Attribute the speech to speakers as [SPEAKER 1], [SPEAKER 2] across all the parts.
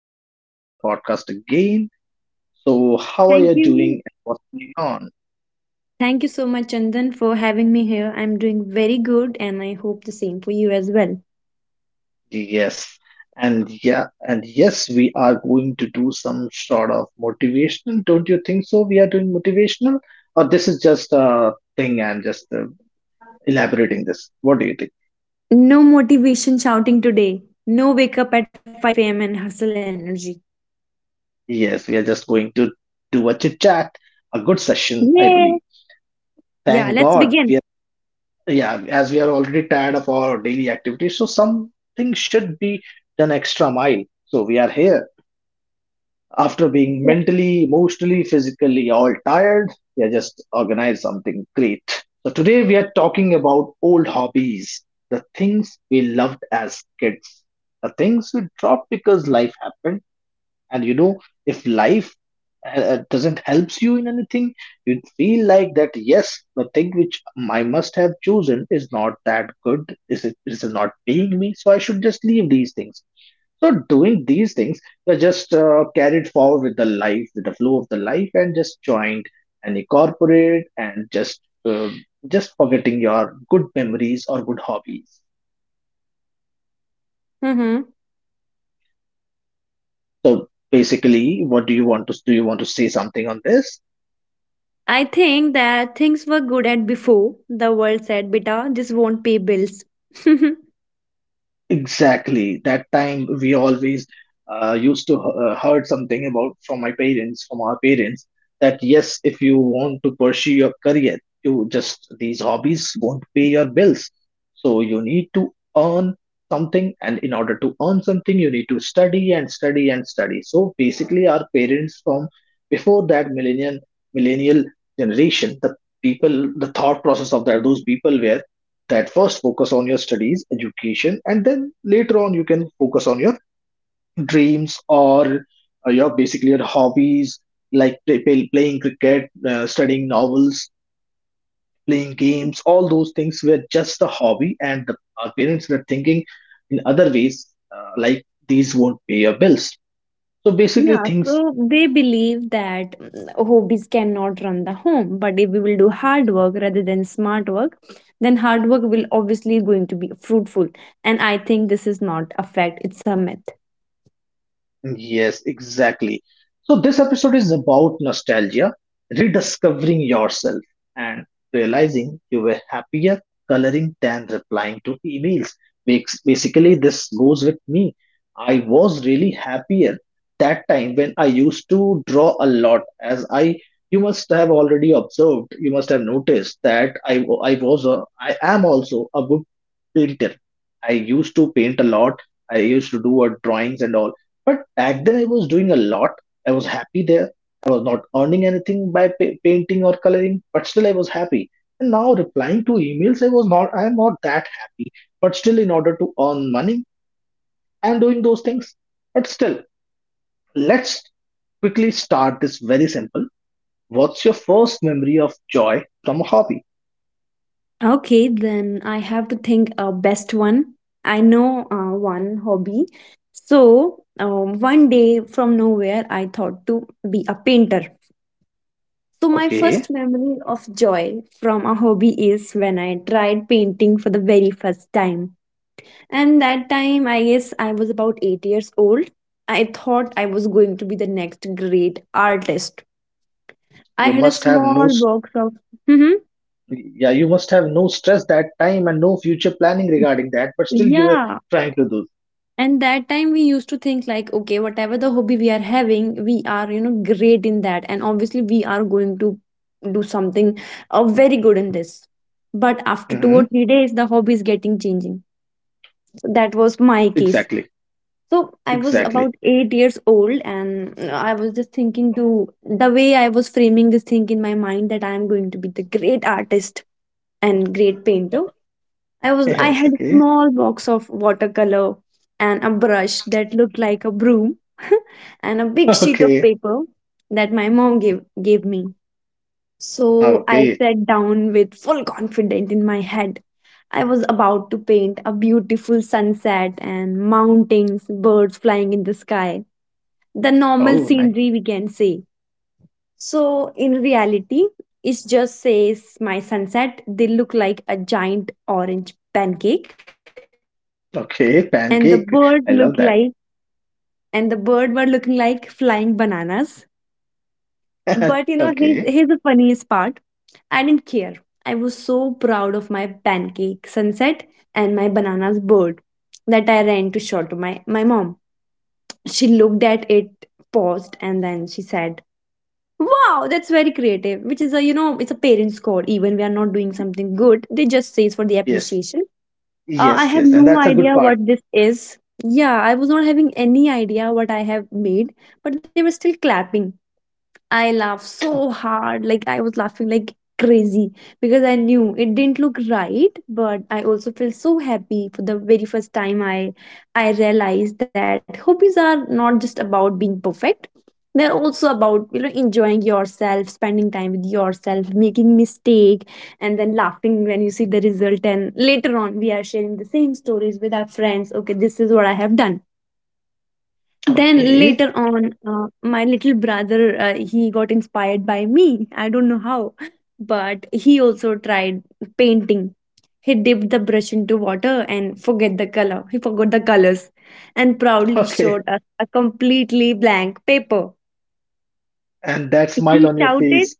[SPEAKER 1] welcome back to our podcast again. So, how are
[SPEAKER 2] Thank
[SPEAKER 1] you
[SPEAKER 2] you.
[SPEAKER 1] doing and what's going on?
[SPEAKER 2] Thank you so much, Chandan, for having me here. I'm doing very good and I hope the same for you as well.
[SPEAKER 1] Yes, and yeah, and yes, we are going to do some sort of motivational. Don't you think so? We are doing motivational, or this is just a thing I'm just elaborating this. What do you think?
[SPEAKER 2] No motivation shouting today. No wake up at 5 a.m. and hustle energy.
[SPEAKER 1] Yes, we are just going to do a chit chat, a good session,
[SPEAKER 2] Yay!
[SPEAKER 1] I believe.
[SPEAKER 2] Yeah, let's
[SPEAKER 1] Thank
[SPEAKER 2] begin.
[SPEAKER 1] God we are, yeah, as we are already tired of our daily activities, so something should be done extra mile. So we are here. After
[SPEAKER 2] Yeah.
[SPEAKER 1] being mentally, emotionally, physically all tired, we are just organized something great. So today we are talking about old hobbies, the things we loved as kids, the things we dropped because life happened, and you know, if life doesn't helps you in anything, you feel like that, yes, the thing which I must have chosen is not that good, is it not paying me? So I should just leave these things. So, doing these things, you're just carried forward with the life, with the flow of the life, and just joined any corporate and uh, just forgetting your good memories or good hobbies.
[SPEAKER 2] Mm-hmm.
[SPEAKER 1] So basically, what do you want to do? You want to say something on this?
[SPEAKER 2] I think that things were good at before. The world said, beta, this won't pay bills.
[SPEAKER 1] Exactly. That time we always used to heard something about from my parents, from our parents, that yes, if you want to pursue your career, you just these hobbies won't pay your bills. So you need to earn something, and in order to earn something, you need to study and study and study. So basically, our parents from before that millennial generation, the people, the thought process of that those people were that first focus on your studies education and then later on you can focus on your dreams or your hobbies, like playing cricket, studying novels, playing games, all those things were just the hobby, and our parents were thinking in other ways, like these won't pay your bills, so basically
[SPEAKER 2] Yeah,
[SPEAKER 1] things.
[SPEAKER 2] so they believe that hobbies cannot run the home, but if we will do hard work rather than smart work, then hard work will obviously going to be fruitful. And I think this is not a fact, it's a myth.
[SPEAKER 1] Yes, exactly. So, this episode is about nostalgia, rediscovering yourself, and realizing you were happier coloring than replying to emails. Basically, this goes with me. I was really happier that time when I used to draw a lot, as I you must have already observed, you must have noticed that I, wa- I was a, I am also a good painter. I used to paint a lot. I used to do a drawings and all, but back then I was doing a lot. I was happy there. I was not earning anything by painting or coloring, but still I was happy. And now replying to emails, I was not. I am not that happy, but still in order to earn money, I am doing those things. But still, let's quickly start this very simple. What's your first memory of joy from a hobby?
[SPEAKER 2] Okay, then I have to think a best one. I know one hobby. So one day from nowhere, I thought to be a painter. So my first
[SPEAKER 1] Okay.
[SPEAKER 2] memory of joy from a hobby is when I tried painting for the very first time. And that time, I guess I was about 8 years old. I thought I was going to be the next great artist. I
[SPEAKER 1] you
[SPEAKER 2] had a
[SPEAKER 1] must have no.
[SPEAKER 2] small
[SPEAKER 1] s-
[SPEAKER 2] box of. hmm
[SPEAKER 1] Yeah, you must have no stress that time and no future planning regarding that, but still you were
[SPEAKER 2] Yeah.
[SPEAKER 1] trying to do.
[SPEAKER 2] And that time we used to think like, okay, whatever the hobby we are having, we are, you know, great in that. And obviously we are going to do something very good in this. But after two or
[SPEAKER 1] hmm
[SPEAKER 2] three days, the hobby is getting changing. So that was my case.
[SPEAKER 1] Exactly.
[SPEAKER 2] So I was
[SPEAKER 1] Exactly.
[SPEAKER 2] about 8 years old, and I was just thinking to the way I was framing this thing in my mind that I am going to be the great artist and great painter. I
[SPEAKER 1] Yes.
[SPEAKER 2] had a
[SPEAKER 1] Okay.
[SPEAKER 2] small box of watercolor and a brush that looked like a broom and a big sheet of
[SPEAKER 1] Okay.
[SPEAKER 2] paper that my mom gave me. So I
[SPEAKER 1] Okay.
[SPEAKER 2] sat down with full confidence in my head. I was about to paint a beautiful sunset and mountains, birds flying in the sky, the normal
[SPEAKER 1] Oh, nice.
[SPEAKER 2] scenery we can say. So in reality, it just says my sunset, they look like a giant orange pancake and the
[SPEAKER 1] Okay.
[SPEAKER 2] bird look
[SPEAKER 1] Pancake.
[SPEAKER 2] like
[SPEAKER 1] I love that.
[SPEAKER 2] and the bird were looking like flying bananas. But you know, here's,
[SPEAKER 1] Okay.
[SPEAKER 2] here's the funniest part. I didn't care. I was so proud of my pancake sunset and my banana's bird that I ran to show to my mom. She looked at it, paused, and then she said, "Wow, that's very creative." Which is a, you know, it's a parent's call. Even we are not doing something good, they just say it's for the
[SPEAKER 1] Yes.
[SPEAKER 2] appreciation. I
[SPEAKER 1] Yes.
[SPEAKER 2] have
[SPEAKER 1] Yes. And
[SPEAKER 2] no
[SPEAKER 1] that's a good
[SPEAKER 2] idea
[SPEAKER 1] part.
[SPEAKER 2] what this is. Yeah, I was not having any idea what I have made, but they were still clapping. I laughed so hard, like I was laughing like crazy because I knew it didn't look right, but I also felt so happy. For the very first time I realized that hobbies are not just about being perfect. They're also about you know enjoying yourself, spending time with yourself, making mistake, and then laughing when you see the result. And later on, we are sharing the same stories with our friends. Okay, this is what I have done. Then
[SPEAKER 1] Okay.
[SPEAKER 2] later on, my little brother he got inspired by me. I don't know how, but he also tried painting. He dipped the brush into water and forget the color. He forgot the colors, and proudly
[SPEAKER 1] Okay.
[SPEAKER 2] showed us a completely blank paper.
[SPEAKER 1] And that smile
[SPEAKER 2] He
[SPEAKER 1] on your
[SPEAKER 2] shouted
[SPEAKER 1] face.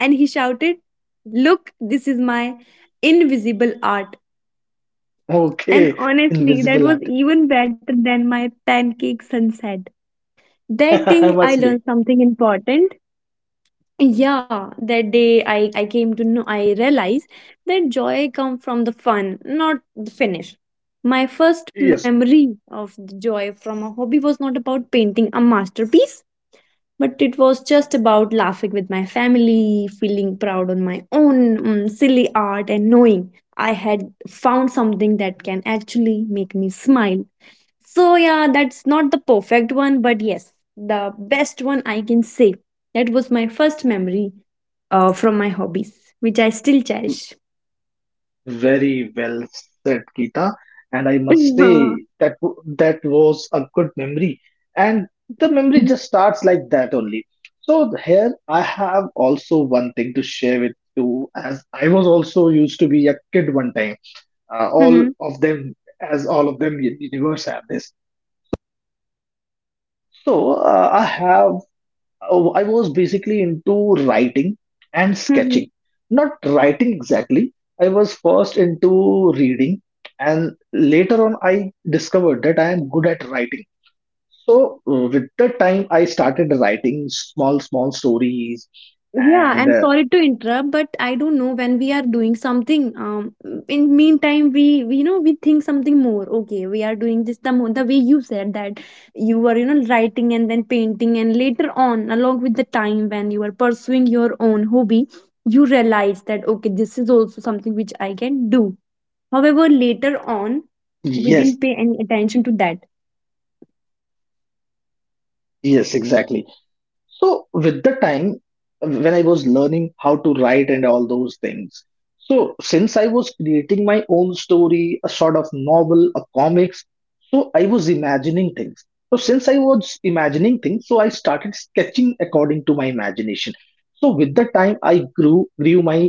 [SPEAKER 2] and he shouted, "Look, this is my invisible art." And
[SPEAKER 1] Okay.
[SPEAKER 2] honestly, that
[SPEAKER 1] Invisible
[SPEAKER 2] was
[SPEAKER 1] art.
[SPEAKER 2] even better than my pancake sunset. That day,
[SPEAKER 1] Must
[SPEAKER 2] I
[SPEAKER 1] be.
[SPEAKER 2] learned something important. Yeah, that day I came to know, I realized that joy come from the fun, not the finish. My first
[SPEAKER 1] Yes.
[SPEAKER 2] memory of the joy from a hobby was not about painting a masterpiece, but it was just about laughing with my family, feeling proud on my own silly art, and knowing I had found something that can actually make me smile. So, yeah, that's not the perfect one, but yes, the best one I can say. That was my first memory from my hobbies, which I still cherish.
[SPEAKER 1] Very well said, Kita. And I must say
[SPEAKER 2] Mhm.
[SPEAKER 1] that that was a good memory. And the memory just starts like that only. So here I have also one thing to share with you, as I was also used to be a kid one time. All
[SPEAKER 2] Mhm.
[SPEAKER 1] of them, as all of them, universe have this. So, I was basically into writing and sketching.
[SPEAKER 2] Mhm.
[SPEAKER 1] Not writing exactly. I was first into reading, and later on, I discovered that I am good at writing. So, with the time, I started writing small, small stories,
[SPEAKER 2] Yeah,
[SPEAKER 1] and
[SPEAKER 2] I'm sorry to interrupt, but I don't know when we are doing something. In meantime, we you know we think something more. Okay, we are doing this the way you said that you were you know writing and then painting and later on, along with the time when you were pursuing your own hobby, you realize that okay, this is also something which I can do. However, later on,
[SPEAKER 1] yes,
[SPEAKER 2] we didn't pay any attention to that.
[SPEAKER 1] yes, exactly. So with the time, when I was learning how to write and all those things, so since I was creating my own story, a sort of novel, a comics, so I was imagining things. So since I was imagining things, so I started sketching according to my imagination. So with the time, I grew my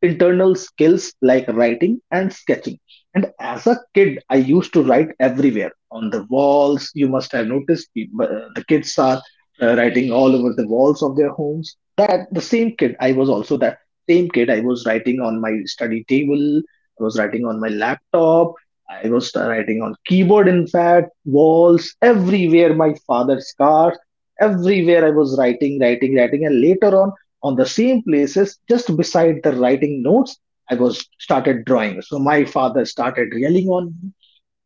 [SPEAKER 1] internal skills like writing and sketching. And as a kid, I used to write everywhere on the walls. You must have noticed people, the kids are writing all over the walls of their homes. That the same kid, I was also that same kid. I was writing on my study table. I was writing on my laptop. I was writing on keyboard. In fact, walls everywhere. My father's car. Everywhere I was writing, writing, writing, and later on the same places, just beside the writing notes, I was started drawing. So my father started yelling on me.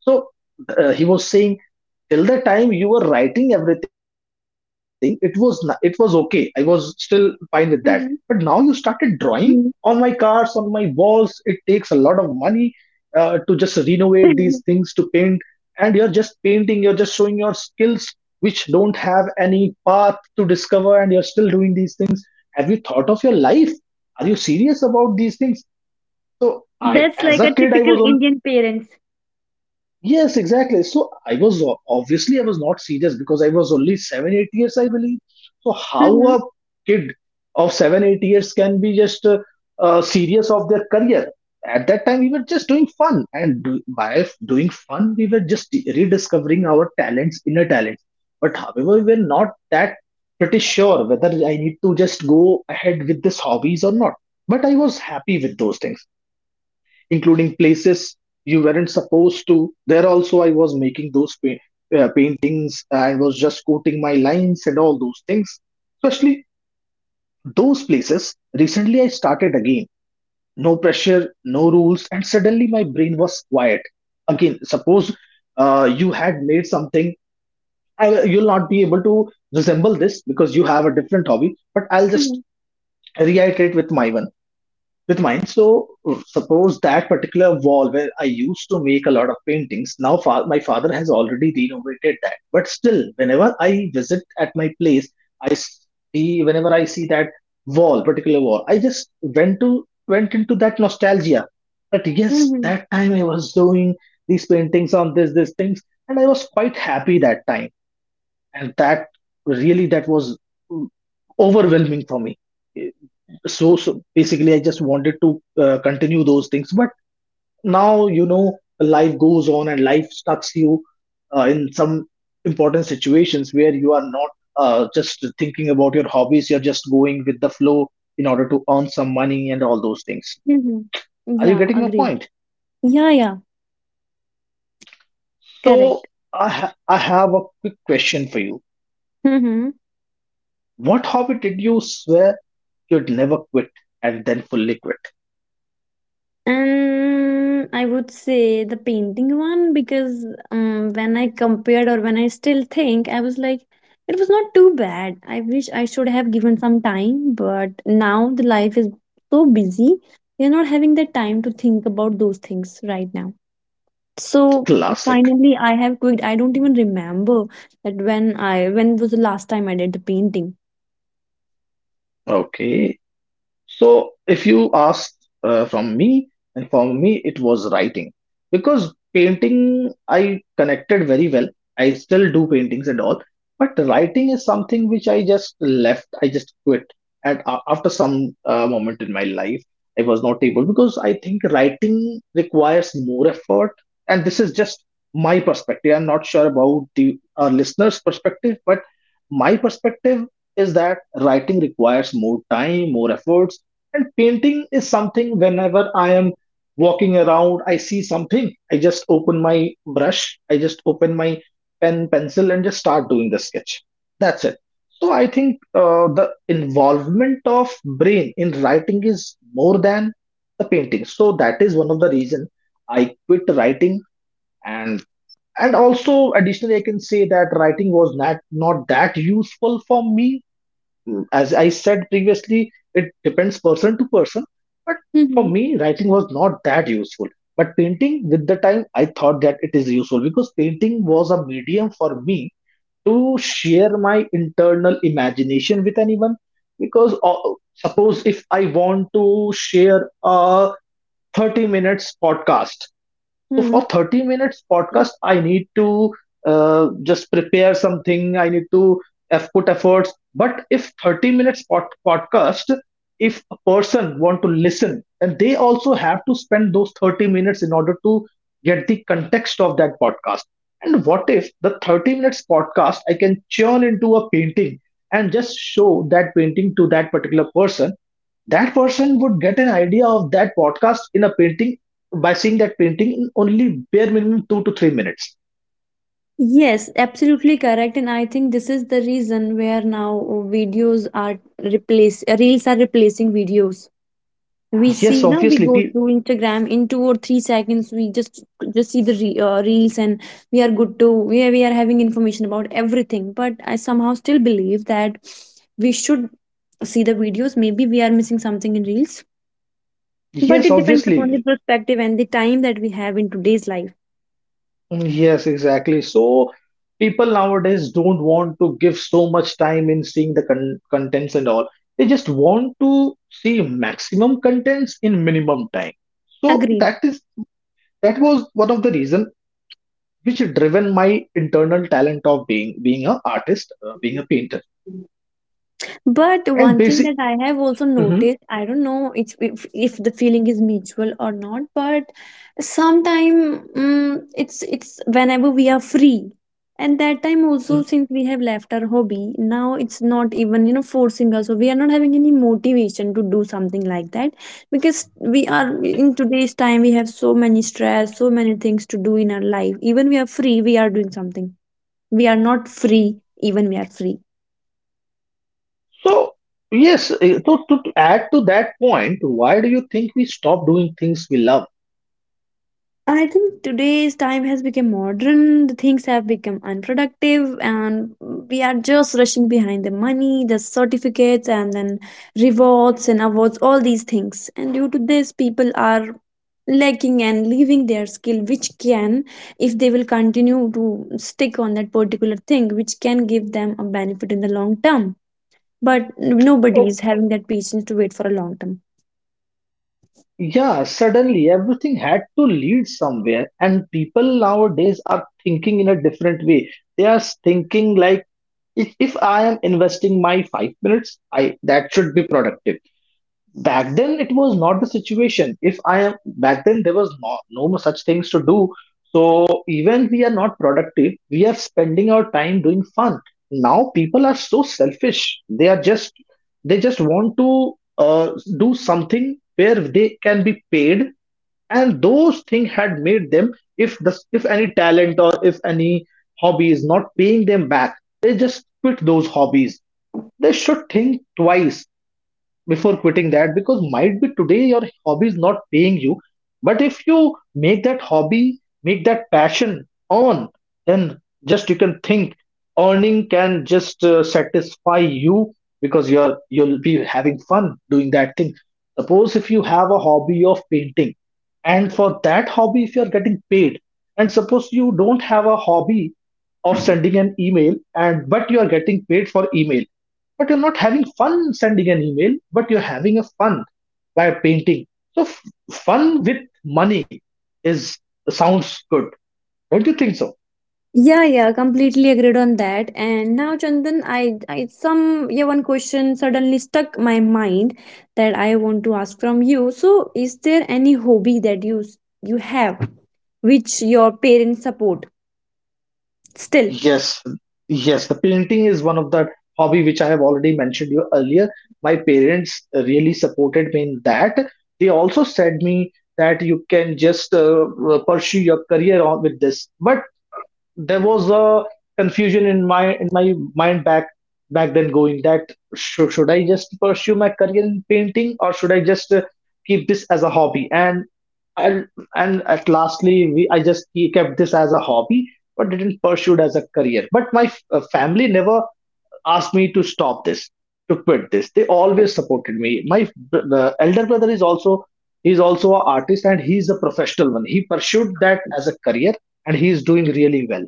[SPEAKER 1] So, he was saying, till the time you were writing everything, it was it was okay. I was still fine with that. But now you
[SPEAKER 2] Mm-hmm.
[SPEAKER 1] started drawing on my cars, on my walls. It takes a lot of money to just renovate these things to paint, and you're just painting. You're just showing your skills which don't have any path to discover, and you're still doing these things. Have you thought of your life? Are you serious about these things? So I,
[SPEAKER 2] That's like
[SPEAKER 1] as
[SPEAKER 2] a
[SPEAKER 1] a kid, I
[SPEAKER 2] typical
[SPEAKER 1] was on.
[SPEAKER 2] Indian parents.
[SPEAKER 1] Yes, exactly. So I was obviously I was not serious because I was only 7, 8 years, I believe. So how
[SPEAKER 2] Mm-hmm.
[SPEAKER 1] a kid of 7, 8 years can be just serious of their career? At that time, we were just doing fun, and doing fun, we were just rediscovering our talents, inner talents. But however, we were not that pretty sure whether I need to just go ahead with this hobbies or not. But I was happy with those things, including places you weren't supposed to. There also, I was making those paintings and was just quoting my lines and all those things. Especially those places. Recently, I started again. No pressure, no rules, and suddenly my brain was quiet. Again, suppose you had made something. You'll not be able to resemble this because you have a different hobby. But I'll just reiterate with my one with mine. So, suppose that particular wall where I used to make a lot of paintings. Now my father has already renovated that, but still, whenever I visit at my place, I see whenever I see that wall, particular wall, I just went into that nostalgia. That yes,
[SPEAKER 2] Mm-hmm.
[SPEAKER 1] that time I was doing these paintings on this, these things, and I was quite happy that time, and that really, that was mm, overwhelming for me. Eh, so basically, I just wanted to continue those things, but now, you know, life goes on and life stucks you in some important situations where you are not just thinking about your hobbies, you're just going with the flow in order to earn some money and all those things.
[SPEAKER 2] Mhm.
[SPEAKER 1] Are you
[SPEAKER 2] Yeah,
[SPEAKER 1] getting my
[SPEAKER 2] agree.
[SPEAKER 1] point?
[SPEAKER 2] Yeah, yeah,
[SPEAKER 1] So
[SPEAKER 2] correct.
[SPEAKER 1] I have a quick question for you.
[SPEAKER 2] Mm-hmm.
[SPEAKER 1] What hobby did you swear you'd never quit and then fully quit?
[SPEAKER 2] And I would say the painting one because when I compared or when I still think, I was like, it was not too bad. I wish I should have given some time, but now the life is so busy, you're not having the time to think about those things right now. So
[SPEAKER 1] Classic.
[SPEAKER 2] finally, I have quit. I don't even remember that when was the last time I did the painting.
[SPEAKER 1] Okay. So, if you ask from me, and for me, it was writing because painting I connected very well. I still do paintings and all, but writing is something which I just left. I just quit, and after some moment in my life, I was not able because I think writing requires more effort, and this is just my perspective. I'm not sure about the our listeners' perspective, but my perspective is that writing requires more time, more efforts, and painting is something whenever I am walking around, I see something, I just open my brush, I just open my pen, pencil, and just start doing the sketch. That's it. So I think the involvement of brain in writing is more than the painting. So that is one of the reason I quit writing, and and also additionally, I can say that writing was not that useful for me. As I said previously, it depends person to person. But for
[SPEAKER 2] Mm-hmm.
[SPEAKER 1] me, writing was not that useful. But painting, with the time, I thought that it is useful because painting was a medium for me to share my internal imagination with anyone. Because suppose if I want to share a 30 minutes podcast, so
[SPEAKER 2] hmm
[SPEAKER 1] for 30 minutes podcast, I need to just prepare something. I need to put efforts. But if 30 minutes podcast, if a person want to listen, then they also have to spend those 30 minutes in order to get the context of that podcast. And what if the 30 minutes podcast I can churn into a painting and just show that painting to that particular person, that person would get an idea of that podcast in a painting by seeing that painting in only bare minimum 2 to 3 minutes.
[SPEAKER 2] Yes, absolutely correct. And I think this is the reason where now videos are replace reels are replacing videos. We
[SPEAKER 1] Yes,
[SPEAKER 2] see now we
[SPEAKER 1] obviously.
[SPEAKER 2] go through Instagram in two or three seconds. We just see reels and we are having information about everything. But I somehow still believe that we should see the videos. Maybe we are missing something in reels, but
[SPEAKER 1] Yes,
[SPEAKER 2] it depends upon the
[SPEAKER 1] obviously.
[SPEAKER 2] perspective and the time that we have in today's life.
[SPEAKER 1] Mm. Yes, exactly. So people nowadays don't want to give so much time in seeing the contents and all. They just want to see maximum contents in minimum time. So
[SPEAKER 2] Agreed.
[SPEAKER 1] that was one of the reason which driven my internal talent of being a artist, being a painter,
[SPEAKER 2] But
[SPEAKER 1] and
[SPEAKER 2] one thing
[SPEAKER 1] basic.
[SPEAKER 2] that I have also
[SPEAKER 1] Mm-hmm.
[SPEAKER 2] noticed, I don't know it's, if the feeling is mutual or not, but sometime it's whenever we are free. And that time also
[SPEAKER 1] Mm.
[SPEAKER 2] since we have left our hobby, now it's not even you know forcing us. So we are not having any motivation to do something like that because we are in today's time we have so many stress, so many things to do in our life. Even we are free, we are doing something. We are not free, even we are free.
[SPEAKER 1] So, yes, to add to that point, why do you think we stop doing things we love?
[SPEAKER 2] I think today's time has become modern, the things have become unproductive, and we are just rushing behind the money, the certificates, and then rewards and awards, all these things. And due to this, people are lacking and leaving their skill, which can, if they will continue to stick on that particular thing, which can give them a benefit in the long term. But nobody
[SPEAKER 1] Oh,
[SPEAKER 2] is having that patience to wait for a long term.
[SPEAKER 1] yeah, suddenly everything had to lead somewhere, and people nowadays are thinking in a different way. They are thinking like, if I am investing my 5 minutes, I that should be productive. Back then it was not the situation if I am back then There was no such things to do, so even we are not productive, we are spending our time doing fun. Now people are so selfish. They are just, they just want to uh, do something where they can be paid, and those things had made them, if the if any talent or if any hobby is not paying them back, they just quit those hobbies. They should think twice before quitting that, because might be today your hobby is not paying you, but if you make that hobby, make that passion on, then just you can think earning can just satisfy you, because you'll be having fun doing that thing. Suppose if you have a hobby of painting and for that hobby if you're getting paid, and suppose you don't have a hobby of sending an email, and but you are getting paid for email, but you're not having fun sending an email, but you're having a fun by painting. So fun with money is, sounds good, don't you think so?
[SPEAKER 2] Yeah, yeah, completely agreed on that. And now, Chandan, I some yeah one question suddenly stuck my mind that I want to ask from you. So, is there any hobby that you have which your parents support still?
[SPEAKER 1] Yes, yes, the painting is one of the hobby which I have already mentioned you earlier. My parents really supported me in that. They also said me that you can just pursue your career on with this. But there was a confusion in my mind back then going that, should I just pursue my career in painting or should I just keep this as a hobby? And I and at lastly I just kept this as a hobby, but didn't pursue it as a career. But my family never asked me to stop this, to quit this. They always supported me. My the elder brother is also, he's also an artist and he's a professional one. He pursued that as a career and he's doing really well.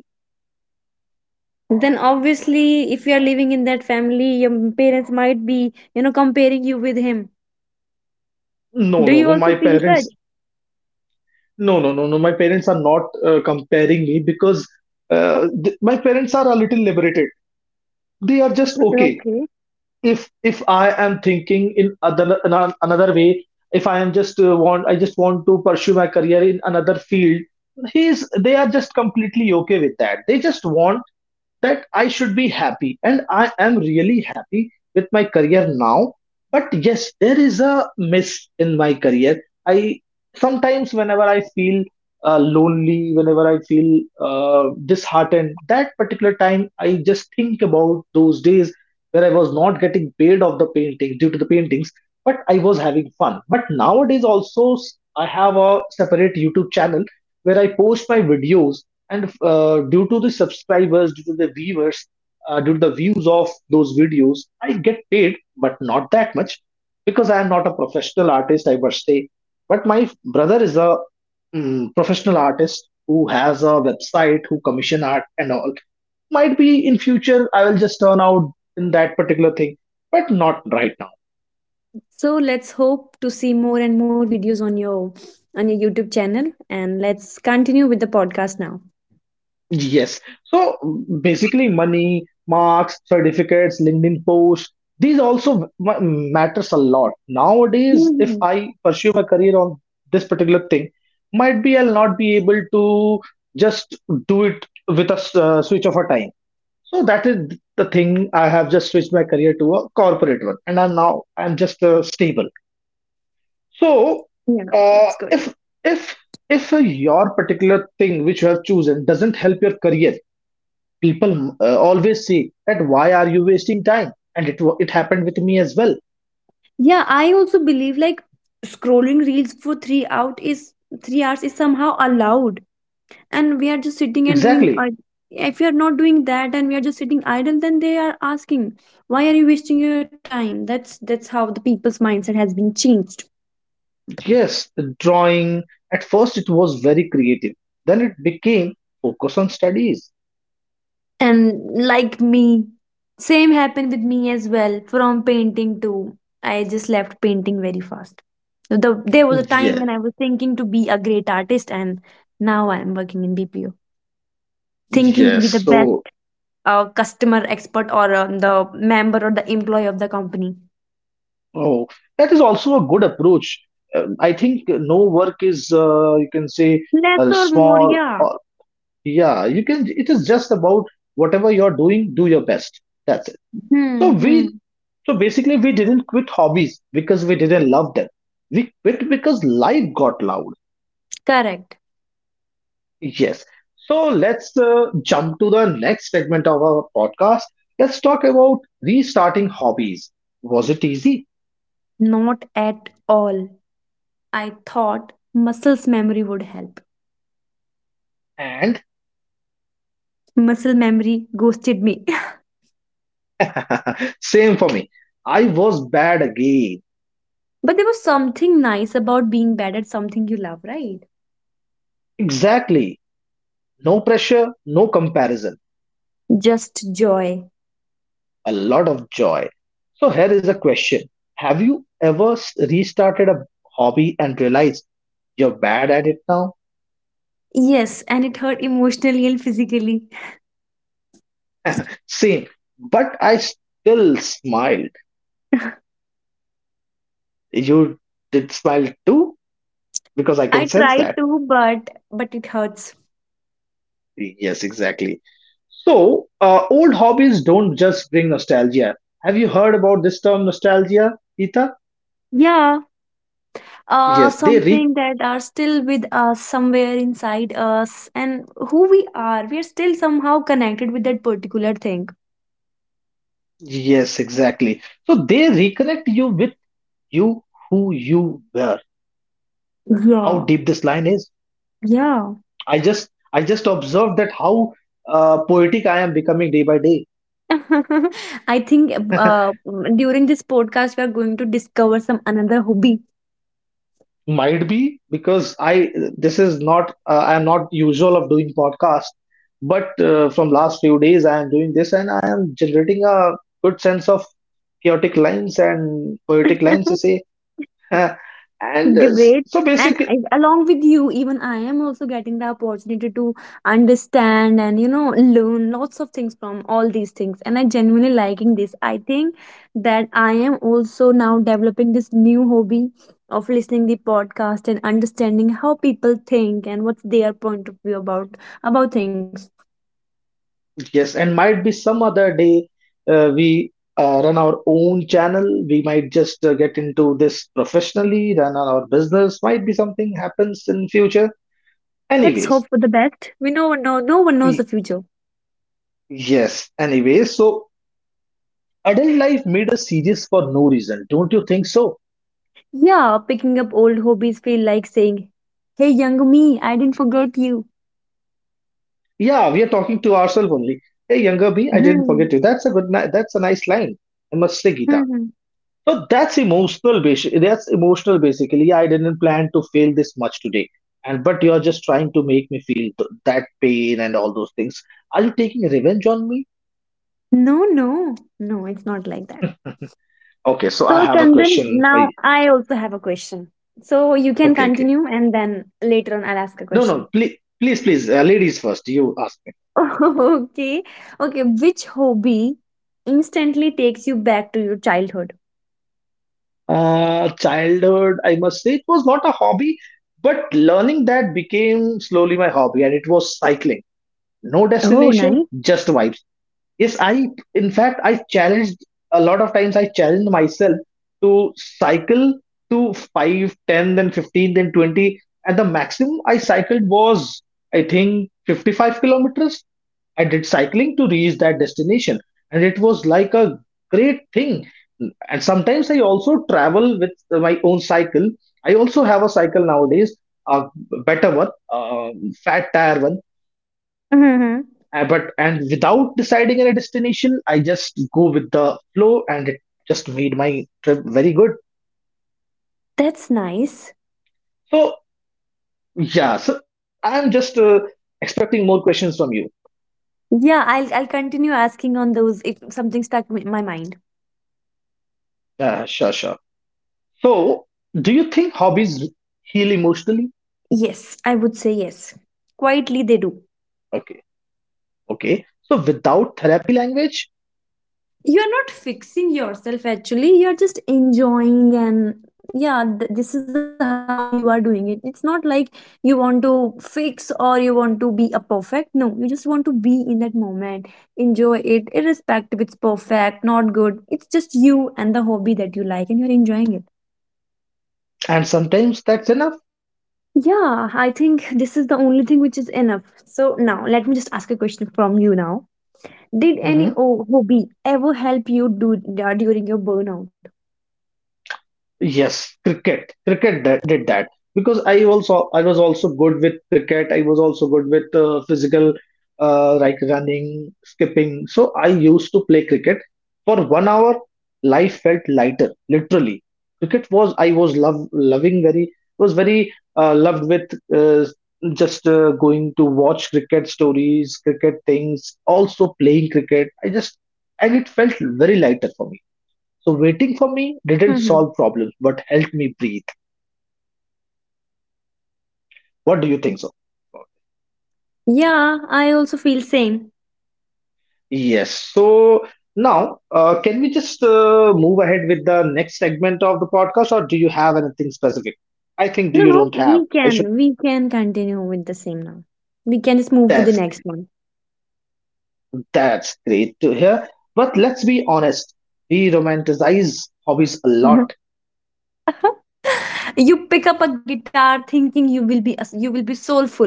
[SPEAKER 2] Then obviously, if you are living in that family, your parents might be you know comparing you with him.
[SPEAKER 1] no
[SPEAKER 2] Do
[SPEAKER 1] no
[SPEAKER 2] you
[SPEAKER 1] no
[SPEAKER 2] also
[SPEAKER 1] my
[SPEAKER 2] feel
[SPEAKER 1] parents,
[SPEAKER 2] such?
[SPEAKER 1] no my parents are not comparing me because my parents are a little liberated. They are just okay.
[SPEAKER 2] Okay.
[SPEAKER 1] If I am thinking in other another way, if I am just want I just want to pursue my career in another field, he's they are just completely okay with that. They just want that I should be happy, and I am really happy with my career now. But yes, there is a miss in my career. I sometimes whenever I feel lonely, whenever I feel disheartened, that particular time I just think about those days where I was not getting paid of the painting due to the paintings, but I was having fun. But nowadays also I have a separate YouTube channel where I post my videos, and due to the subscribers, due to the viewers, due to the views of those videos, I get paid, but not that much because I am not a professional artist, I must say. But my brother is a professional artist who has a website, who commission art and all. Might be in future I will just turn out in that particular thing, but not right now.
[SPEAKER 2] So let's hope to see more and more videos on your YouTube channel and let's continue with the podcast now.
[SPEAKER 1] Yes. So basically, money, marks, certificates, LinkedIn posts, these also matters a lot. Nowadays, if
[SPEAKER 2] Mhm.
[SPEAKER 1] I pursue my career on this particular thing, might be I'll not be able to just do it with a switch of a time. So that is the thing. I have just switched my career to a corporate one, and I'm now I'm just stable. So,
[SPEAKER 2] Yeah,
[SPEAKER 1] uh,
[SPEAKER 2] that's good.
[SPEAKER 1] if if if your particular thing which you have chosen doesn't help your career, people always say that why are you wasting time? And it it happened with me as well.
[SPEAKER 2] Yeah, I also believe like scrolling reels for three out is 3 hours is somehow allowed, and we are just sitting and doing.
[SPEAKER 1] Exactly.
[SPEAKER 2] If we are not doing that and we are just sitting idle, then they are asking, "Why are you wasting your time?" That's how the people's mindset has been changed.
[SPEAKER 1] Yes, drawing. At first, it was very creative. Then it became focus on studies.
[SPEAKER 2] And like me, same happened with me as well. From painting to I just left painting very fast. There was a time when
[SPEAKER 1] Yeah.
[SPEAKER 2] I was thinking to be a great artist, and now I am working in BPO, thinking to
[SPEAKER 1] Yes.
[SPEAKER 2] be the best
[SPEAKER 1] So,
[SPEAKER 2] customer expert or the member or the employee of the company.
[SPEAKER 1] oh, that is also a good approach. I think no work is you can say
[SPEAKER 2] Less or more,
[SPEAKER 1] small.
[SPEAKER 2] yeah.
[SPEAKER 1] Or, yeah, you can, it is just about whatever you're doing, do your best, that's it. so
[SPEAKER 2] Hmm,
[SPEAKER 1] we
[SPEAKER 2] hmm.
[SPEAKER 1] so basically we didn't quit hobbies because we didn't love them, we quit because life got loud.
[SPEAKER 2] Correct.
[SPEAKER 1] Yes, so let's jump to the next segment of our podcast. Let's talk about restarting hobbies. Was it easy?
[SPEAKER 2] Not at all. I thought muscles memory would help.
[SPEAKER 1] And
[SPEAKER 2] Muscle memory ghosted me.
[SPEAKER 1] same for me, I was bad again.
[SPEAKER 2] But there was something nice about being bad at something you love, right?
[SPEAKER 1] Exactly, no pressure, no comparison,
[SPEAKER 2] Just joy.
[SPEAKER 1] a lot of joy. So here is a question. Have you ever restarted a hobby and realized you're bad at it now?
[SPEAKER 2] Yes, and it hurt emotionally and physically.
[SPEAKER 1] Same, but I still smiled. You did smile too, because I can
[SPEAKER 2] I
[SPEAKER 1] sense
[SPEAKER 2] tried
[SPEAKER 1] that.
[SPEAKER 2] to, but it hurts.
[SPEAKER 1] Yes, exactly. So, old hobbies don't just bring nostalgia. Have you heard about this term nostalgia, Ita?
[SPEAKER 2] Yeah,
[SPEAKER 1] Yes, they re
[SPEAKER 2] something that are still with us somewhere inside us, and who we are still somehow connected with that particular thing.
[SPEAKER 1] yes, exactly. So they reconnect you with you who you were. How
[SPEAKER 2] Yeah.
[SPEAKER 1] deep this line is.
[SPEAKER 2] Yeah.
[SPEAKER 1] I just observed that how poetic I am becoming day by day.
[SPEAKER 2] I think uh, during this podcast, we are going to discover some another hobby.
[SPEAKER 1] Might be because I this is not I am not usual of doing podcast, but from last few days I am doing this and I am generating a good sense of chaotic lines and poetic lines to say. And
[SPEAKER 2] Great.
[SPEAKER 1] so
[SPEAKER 2] And
[SPEAKER 1] basic.
[SPEAKER 2] I, along with you, even I am also getting the opportunity to understand and, you know, learn lots of things from all these things. And I genuinely liking this. I think that I am also now developing this new hobby of listening the podcast and understanding how people think and what's their point of view about things.
[SPEAKER 1] Yes, and might be some other day we run our own channel. We might just get into this professionally, run our business. Might be something happens in future.
[SPEAKER 2] Let's hope
[SPEAKER 1] Anyways,
[SPEAKER 2] for the best. We know no one knows the
[SPEAKER 1] y-
[SPEAKER 2] future.
[SPEAKER 1] yes. Anyways, so adult life made us serious for no reason. Don't you think so?
[SPEAKER 2] Yeah, picking up old hobbies feel like saying, "Hey young me, I didn't forget you."
[SPEAKER 1] Yeah, we are talking to ourselves only. Hey, younger me, I didn't forget you. That's a good. That's a nice line. I must say, Gita.
[SPEAKER 2] Mhm.
[SPEAKER 1] So that's emotional basically. I didn't plan to feel this much today. And but you're just trying to make me feel that pain and all those things. Are you taking revenge on me?
[SPEAKER 2] No, it's not like that.
[SPEAKER 1] Okay, so I
[SPEAKER 2] So,
[SPEAKER 1] have a
[SPEAKER 2] Chandan,
[SPEAKER 1] question for
[SPEAKER 2] now
[SPEAKER 1] you.
[SPEAKER 2] I also have a question. So, you can
[SPEAKER 1] Okay, okay.
[SPEAKER 2] continue and then later on I'll ask a
[SPEAKER 1] No, no,
[SPEAKER 2] question.
[SPEAKER 1] please ladies first. You ask me.
[SPEAKER 2] okay, okay. Which hobby instantly takes you back to your childhood?
[SPEAKER 1] Childhood, I must say it was not a hobby, but learning that became slowly my hobby, and it was cycling. No
[SPEAKER 2] Oh,
[SPEAKER 1] destination,
[SPEAKER 2] nice.
[SPEAKER 1] just vibes. Yes, I, in fact, I challenged a lot of times. I challenged myself to cycle to five, 10, then 15, then 20. And the maximum I cycled was, I think, 55 kilometers. I did cycling to reach that destination. And it was like a great thing. And sometimes I also travel with my own cycle. I also have a cycle nowadays, a better one, fat tire one. But and
[SPEAKER 2] hmm
[SPEAKER 1] without deciding on a destination, I just go with the flow, and it just made my trip very good.
[SPEAKER 2] That's nice.
[SPEAKER 1] So yeah, so I'm just expecting more questions from you.
[SPEAKER 2] Yeah, I'll continue asking on those if something stuck in my mind.
[SPEAKER 1] Sure, sure. So do you think hobbies heal emotionally?
[SPEAKER 2] Yes, I would say yes. Quietly, they do.
[SPEAKER 1] Okay, okay. So without therapy language,
[SPEAKER 2] You're not fixing yourself actually, you're just enjoying, and yeah, this is how you are doing it. It's not like you want to fix or you want to be a perfect. No, you just want to be in that moment, enjoy it irrespective if it's perfect not good. It's just you and the hobby that you like and you're enjoying it.
[SPEAKER 1] and sometimes that's enough.
[SPEAKER 2] Yeah, I think this is the only thing which is enough. So now let me just ask a question from you now. Did any
[SPEAKER 1] Mm-hmm.
[SPEAKER 2] hobby ever help you do during your burnout?
[SPEAKER 1] Yes, cricket. Cricket that did that because I was also good with cricket. I was also good with physical, like running, skipping. So I used to play cricket for 1 hour. Life felt lighter, literally. Cricket was I was love loving very was very loved with uh, just going to watch cricket stories, cricket things, also playing cricket. I just and it felt very lighter for me. So waiting for me didn't solve problems, but helped me breathe. What do you think so about
[SPEAKER 2] Yeah, I also feel same.
[SPEAKER 1] it? Yes. So now, can we just move ahead with the next segment of the podcast, or do you have anything specific? I think
[SPEAKER 2] No,
[SPEAKER 1] you
[SPEAKER 2] no,
[SPEAKER 1] don't have. I should.
[SPEAKER 2] we can continue with the same now. We can just move to the
[SPEAKER 1] That's
[SPEAKER 2] next
[SPEAKER 1] great.
[SPEAKER 2] one.
[SPEAKER 1] That's great to hear. But let's be honest. We romanticize hobbies a lot,
[SPEAKER 2] You pick up a guitar thinking you will be soulful.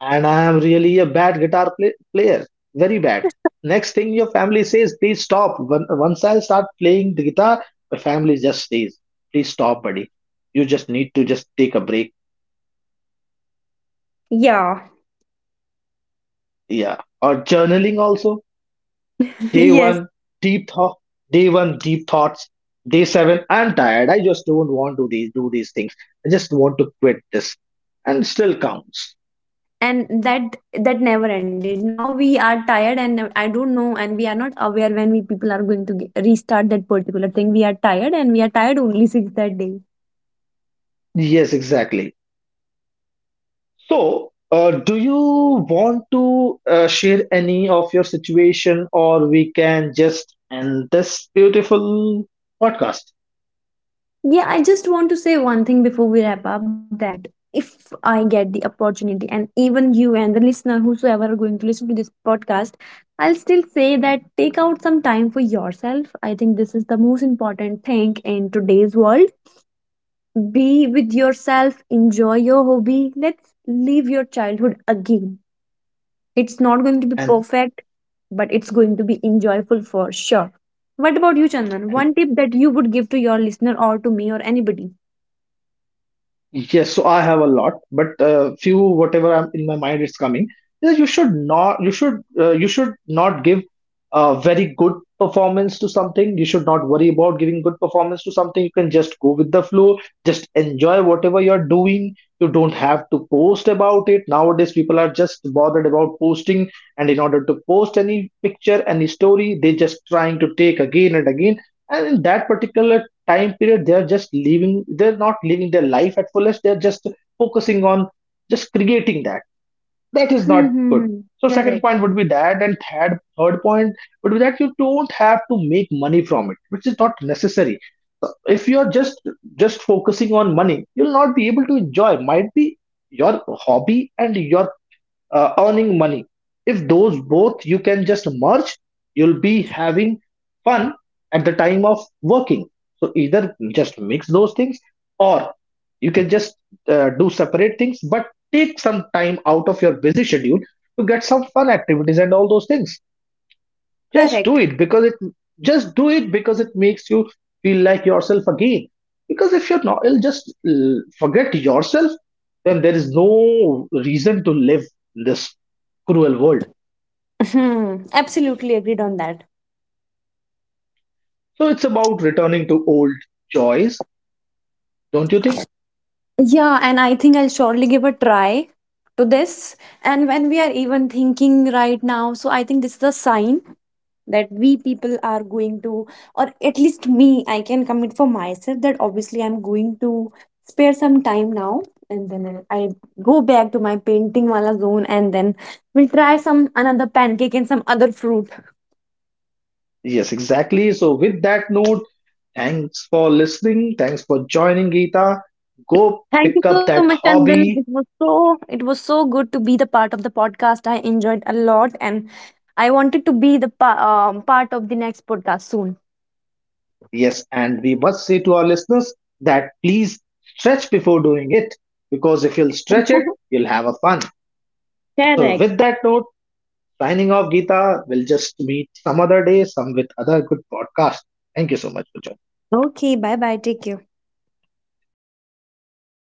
[SPEAKER 1] and I am really a bad guitar player, very bad. Next thing your family says, please stop. When, once I start playing the guitar, my family just says, please stop, buddy. You just need to just take a break.
[SPEAKER 2] Yeah.
[SPEAKER 1] Yeah. Or journaling also. Day
[SPEAKER 2] Yes.
[SPEAKER 1] one, deep thought. Day one, deep thoughts. Day seven, I'm tired. I just don't want to do these things. I just want to quit this. And still counts.
[SPEAKER 2] And that that never ended. Now we are tired and I don't know and we are not aware when we people are going to get, restart that particular thing. We are tired and we are tired only since that day.
[SPEAKER 1] Yes, exactly. So, do you want to share any of your situation, or we can just end this beautiful podcast?
[SPEAKER 2] Yeah, I just want to say one thing before we wrap up that if I get the opportunity, and even you and the listener, whosoever are going to listen to this podcast, I'll still say that take out some time for yourself. I think this is the most important thing in today's world. Be with yourself, enjoy your hobby. Let's live your childhood again. It's not going to be
[SPEAKER 1] and
[SPEAKER 2] perfect, but it's going to be enjoyable for sure. What about you, Chandan?
[SPEAKER 1] and
[SPEAKER 2] One tip that you would give to your listener or to me or anybody?
[SPEAKER 1] yes, so I have a lot, but few whatever I'm in my mind is coming. Yeah, you should not give a very good performance to something. You should not worry about giving good performance to something. You can just go with the flow, just enjoy whatever you're doing. You don't have to post about it. Nowadays, people are just bothered about posting, and in order to post any picture, any story, they just trying to take again and again. And in that particular time period they're just living, they're not living their life at fullest, they're just focusing on just creating that. That is not
[SPEAKER 2] Hmm, hmm,
[SPEAKER 1] good.
[SPEAKER 2] hmm.
[SPEAKER 1] So second
[SPEAKER 2] Correct.
[SPEAKER 1] point would be that, and third point would be that you don't have to make money from it, which is not necessary. So if you're just focusing on money, you'll not be able to enjoy. Might be your hobby and your earning money, if those both you can just merge, you'll be having fun at the time of working. So either just mix those things, or you can just do separate things, but take some time out of your busy schedule to get some fun activities and all those things. just do
[SPEAKER 2] Correct.
[SPEAKER 1] it because it just do it because it makes you feel like yourself again, because if you're not, you'll just forget yourself, then there is no reason to live in this cruel world.
[SPEAKER 2] Hmm. Absolutely agreed on that.
[SPEAKER 1] So it's about returning to old joys, don't you think?
[SPEAKER 2] Yeah, and I think I'll surely give a try to this. And when we are even thinking right now, so I think this is a sign that we people are going to, or at least me, I can commit for myself that obviously I'm going to spare some time now. And then I go back to my painting wala zone and then we'll try some another pancake and some other fruit.
[SPEAKER 1] Yes, exactly. So with that note, thanks for listening, thanks for joining, Geeta. Go
[SPEAKER 2] Thank you
[SPEAKER 1] pick
[SPEAKER 2] so
[SPEAKER 1] up
[SPEAKER 2] much,
[SPEAKER 1] that
[SPEAKER 2] Chandan.
[SPEAKER 1] hobby.
[SPEAKER 2] It was so good to be the part of the podcast. I enjoyed a lot, and I wanted to be part of the next podcast soon.
[SPEAKER 1] Yes, and we must say to our listeners that please stretch before doing it, because if you'll stretch it, you'll have a fun. So,
[SPEAKER 2] Correct.
[SPEAKER 1] with that note, signing off, Geeta. We'll just meet some other day, some with other good podcast. Thank you so much for joining.
[SPEAKER 2] Okay, bye bye. Take care.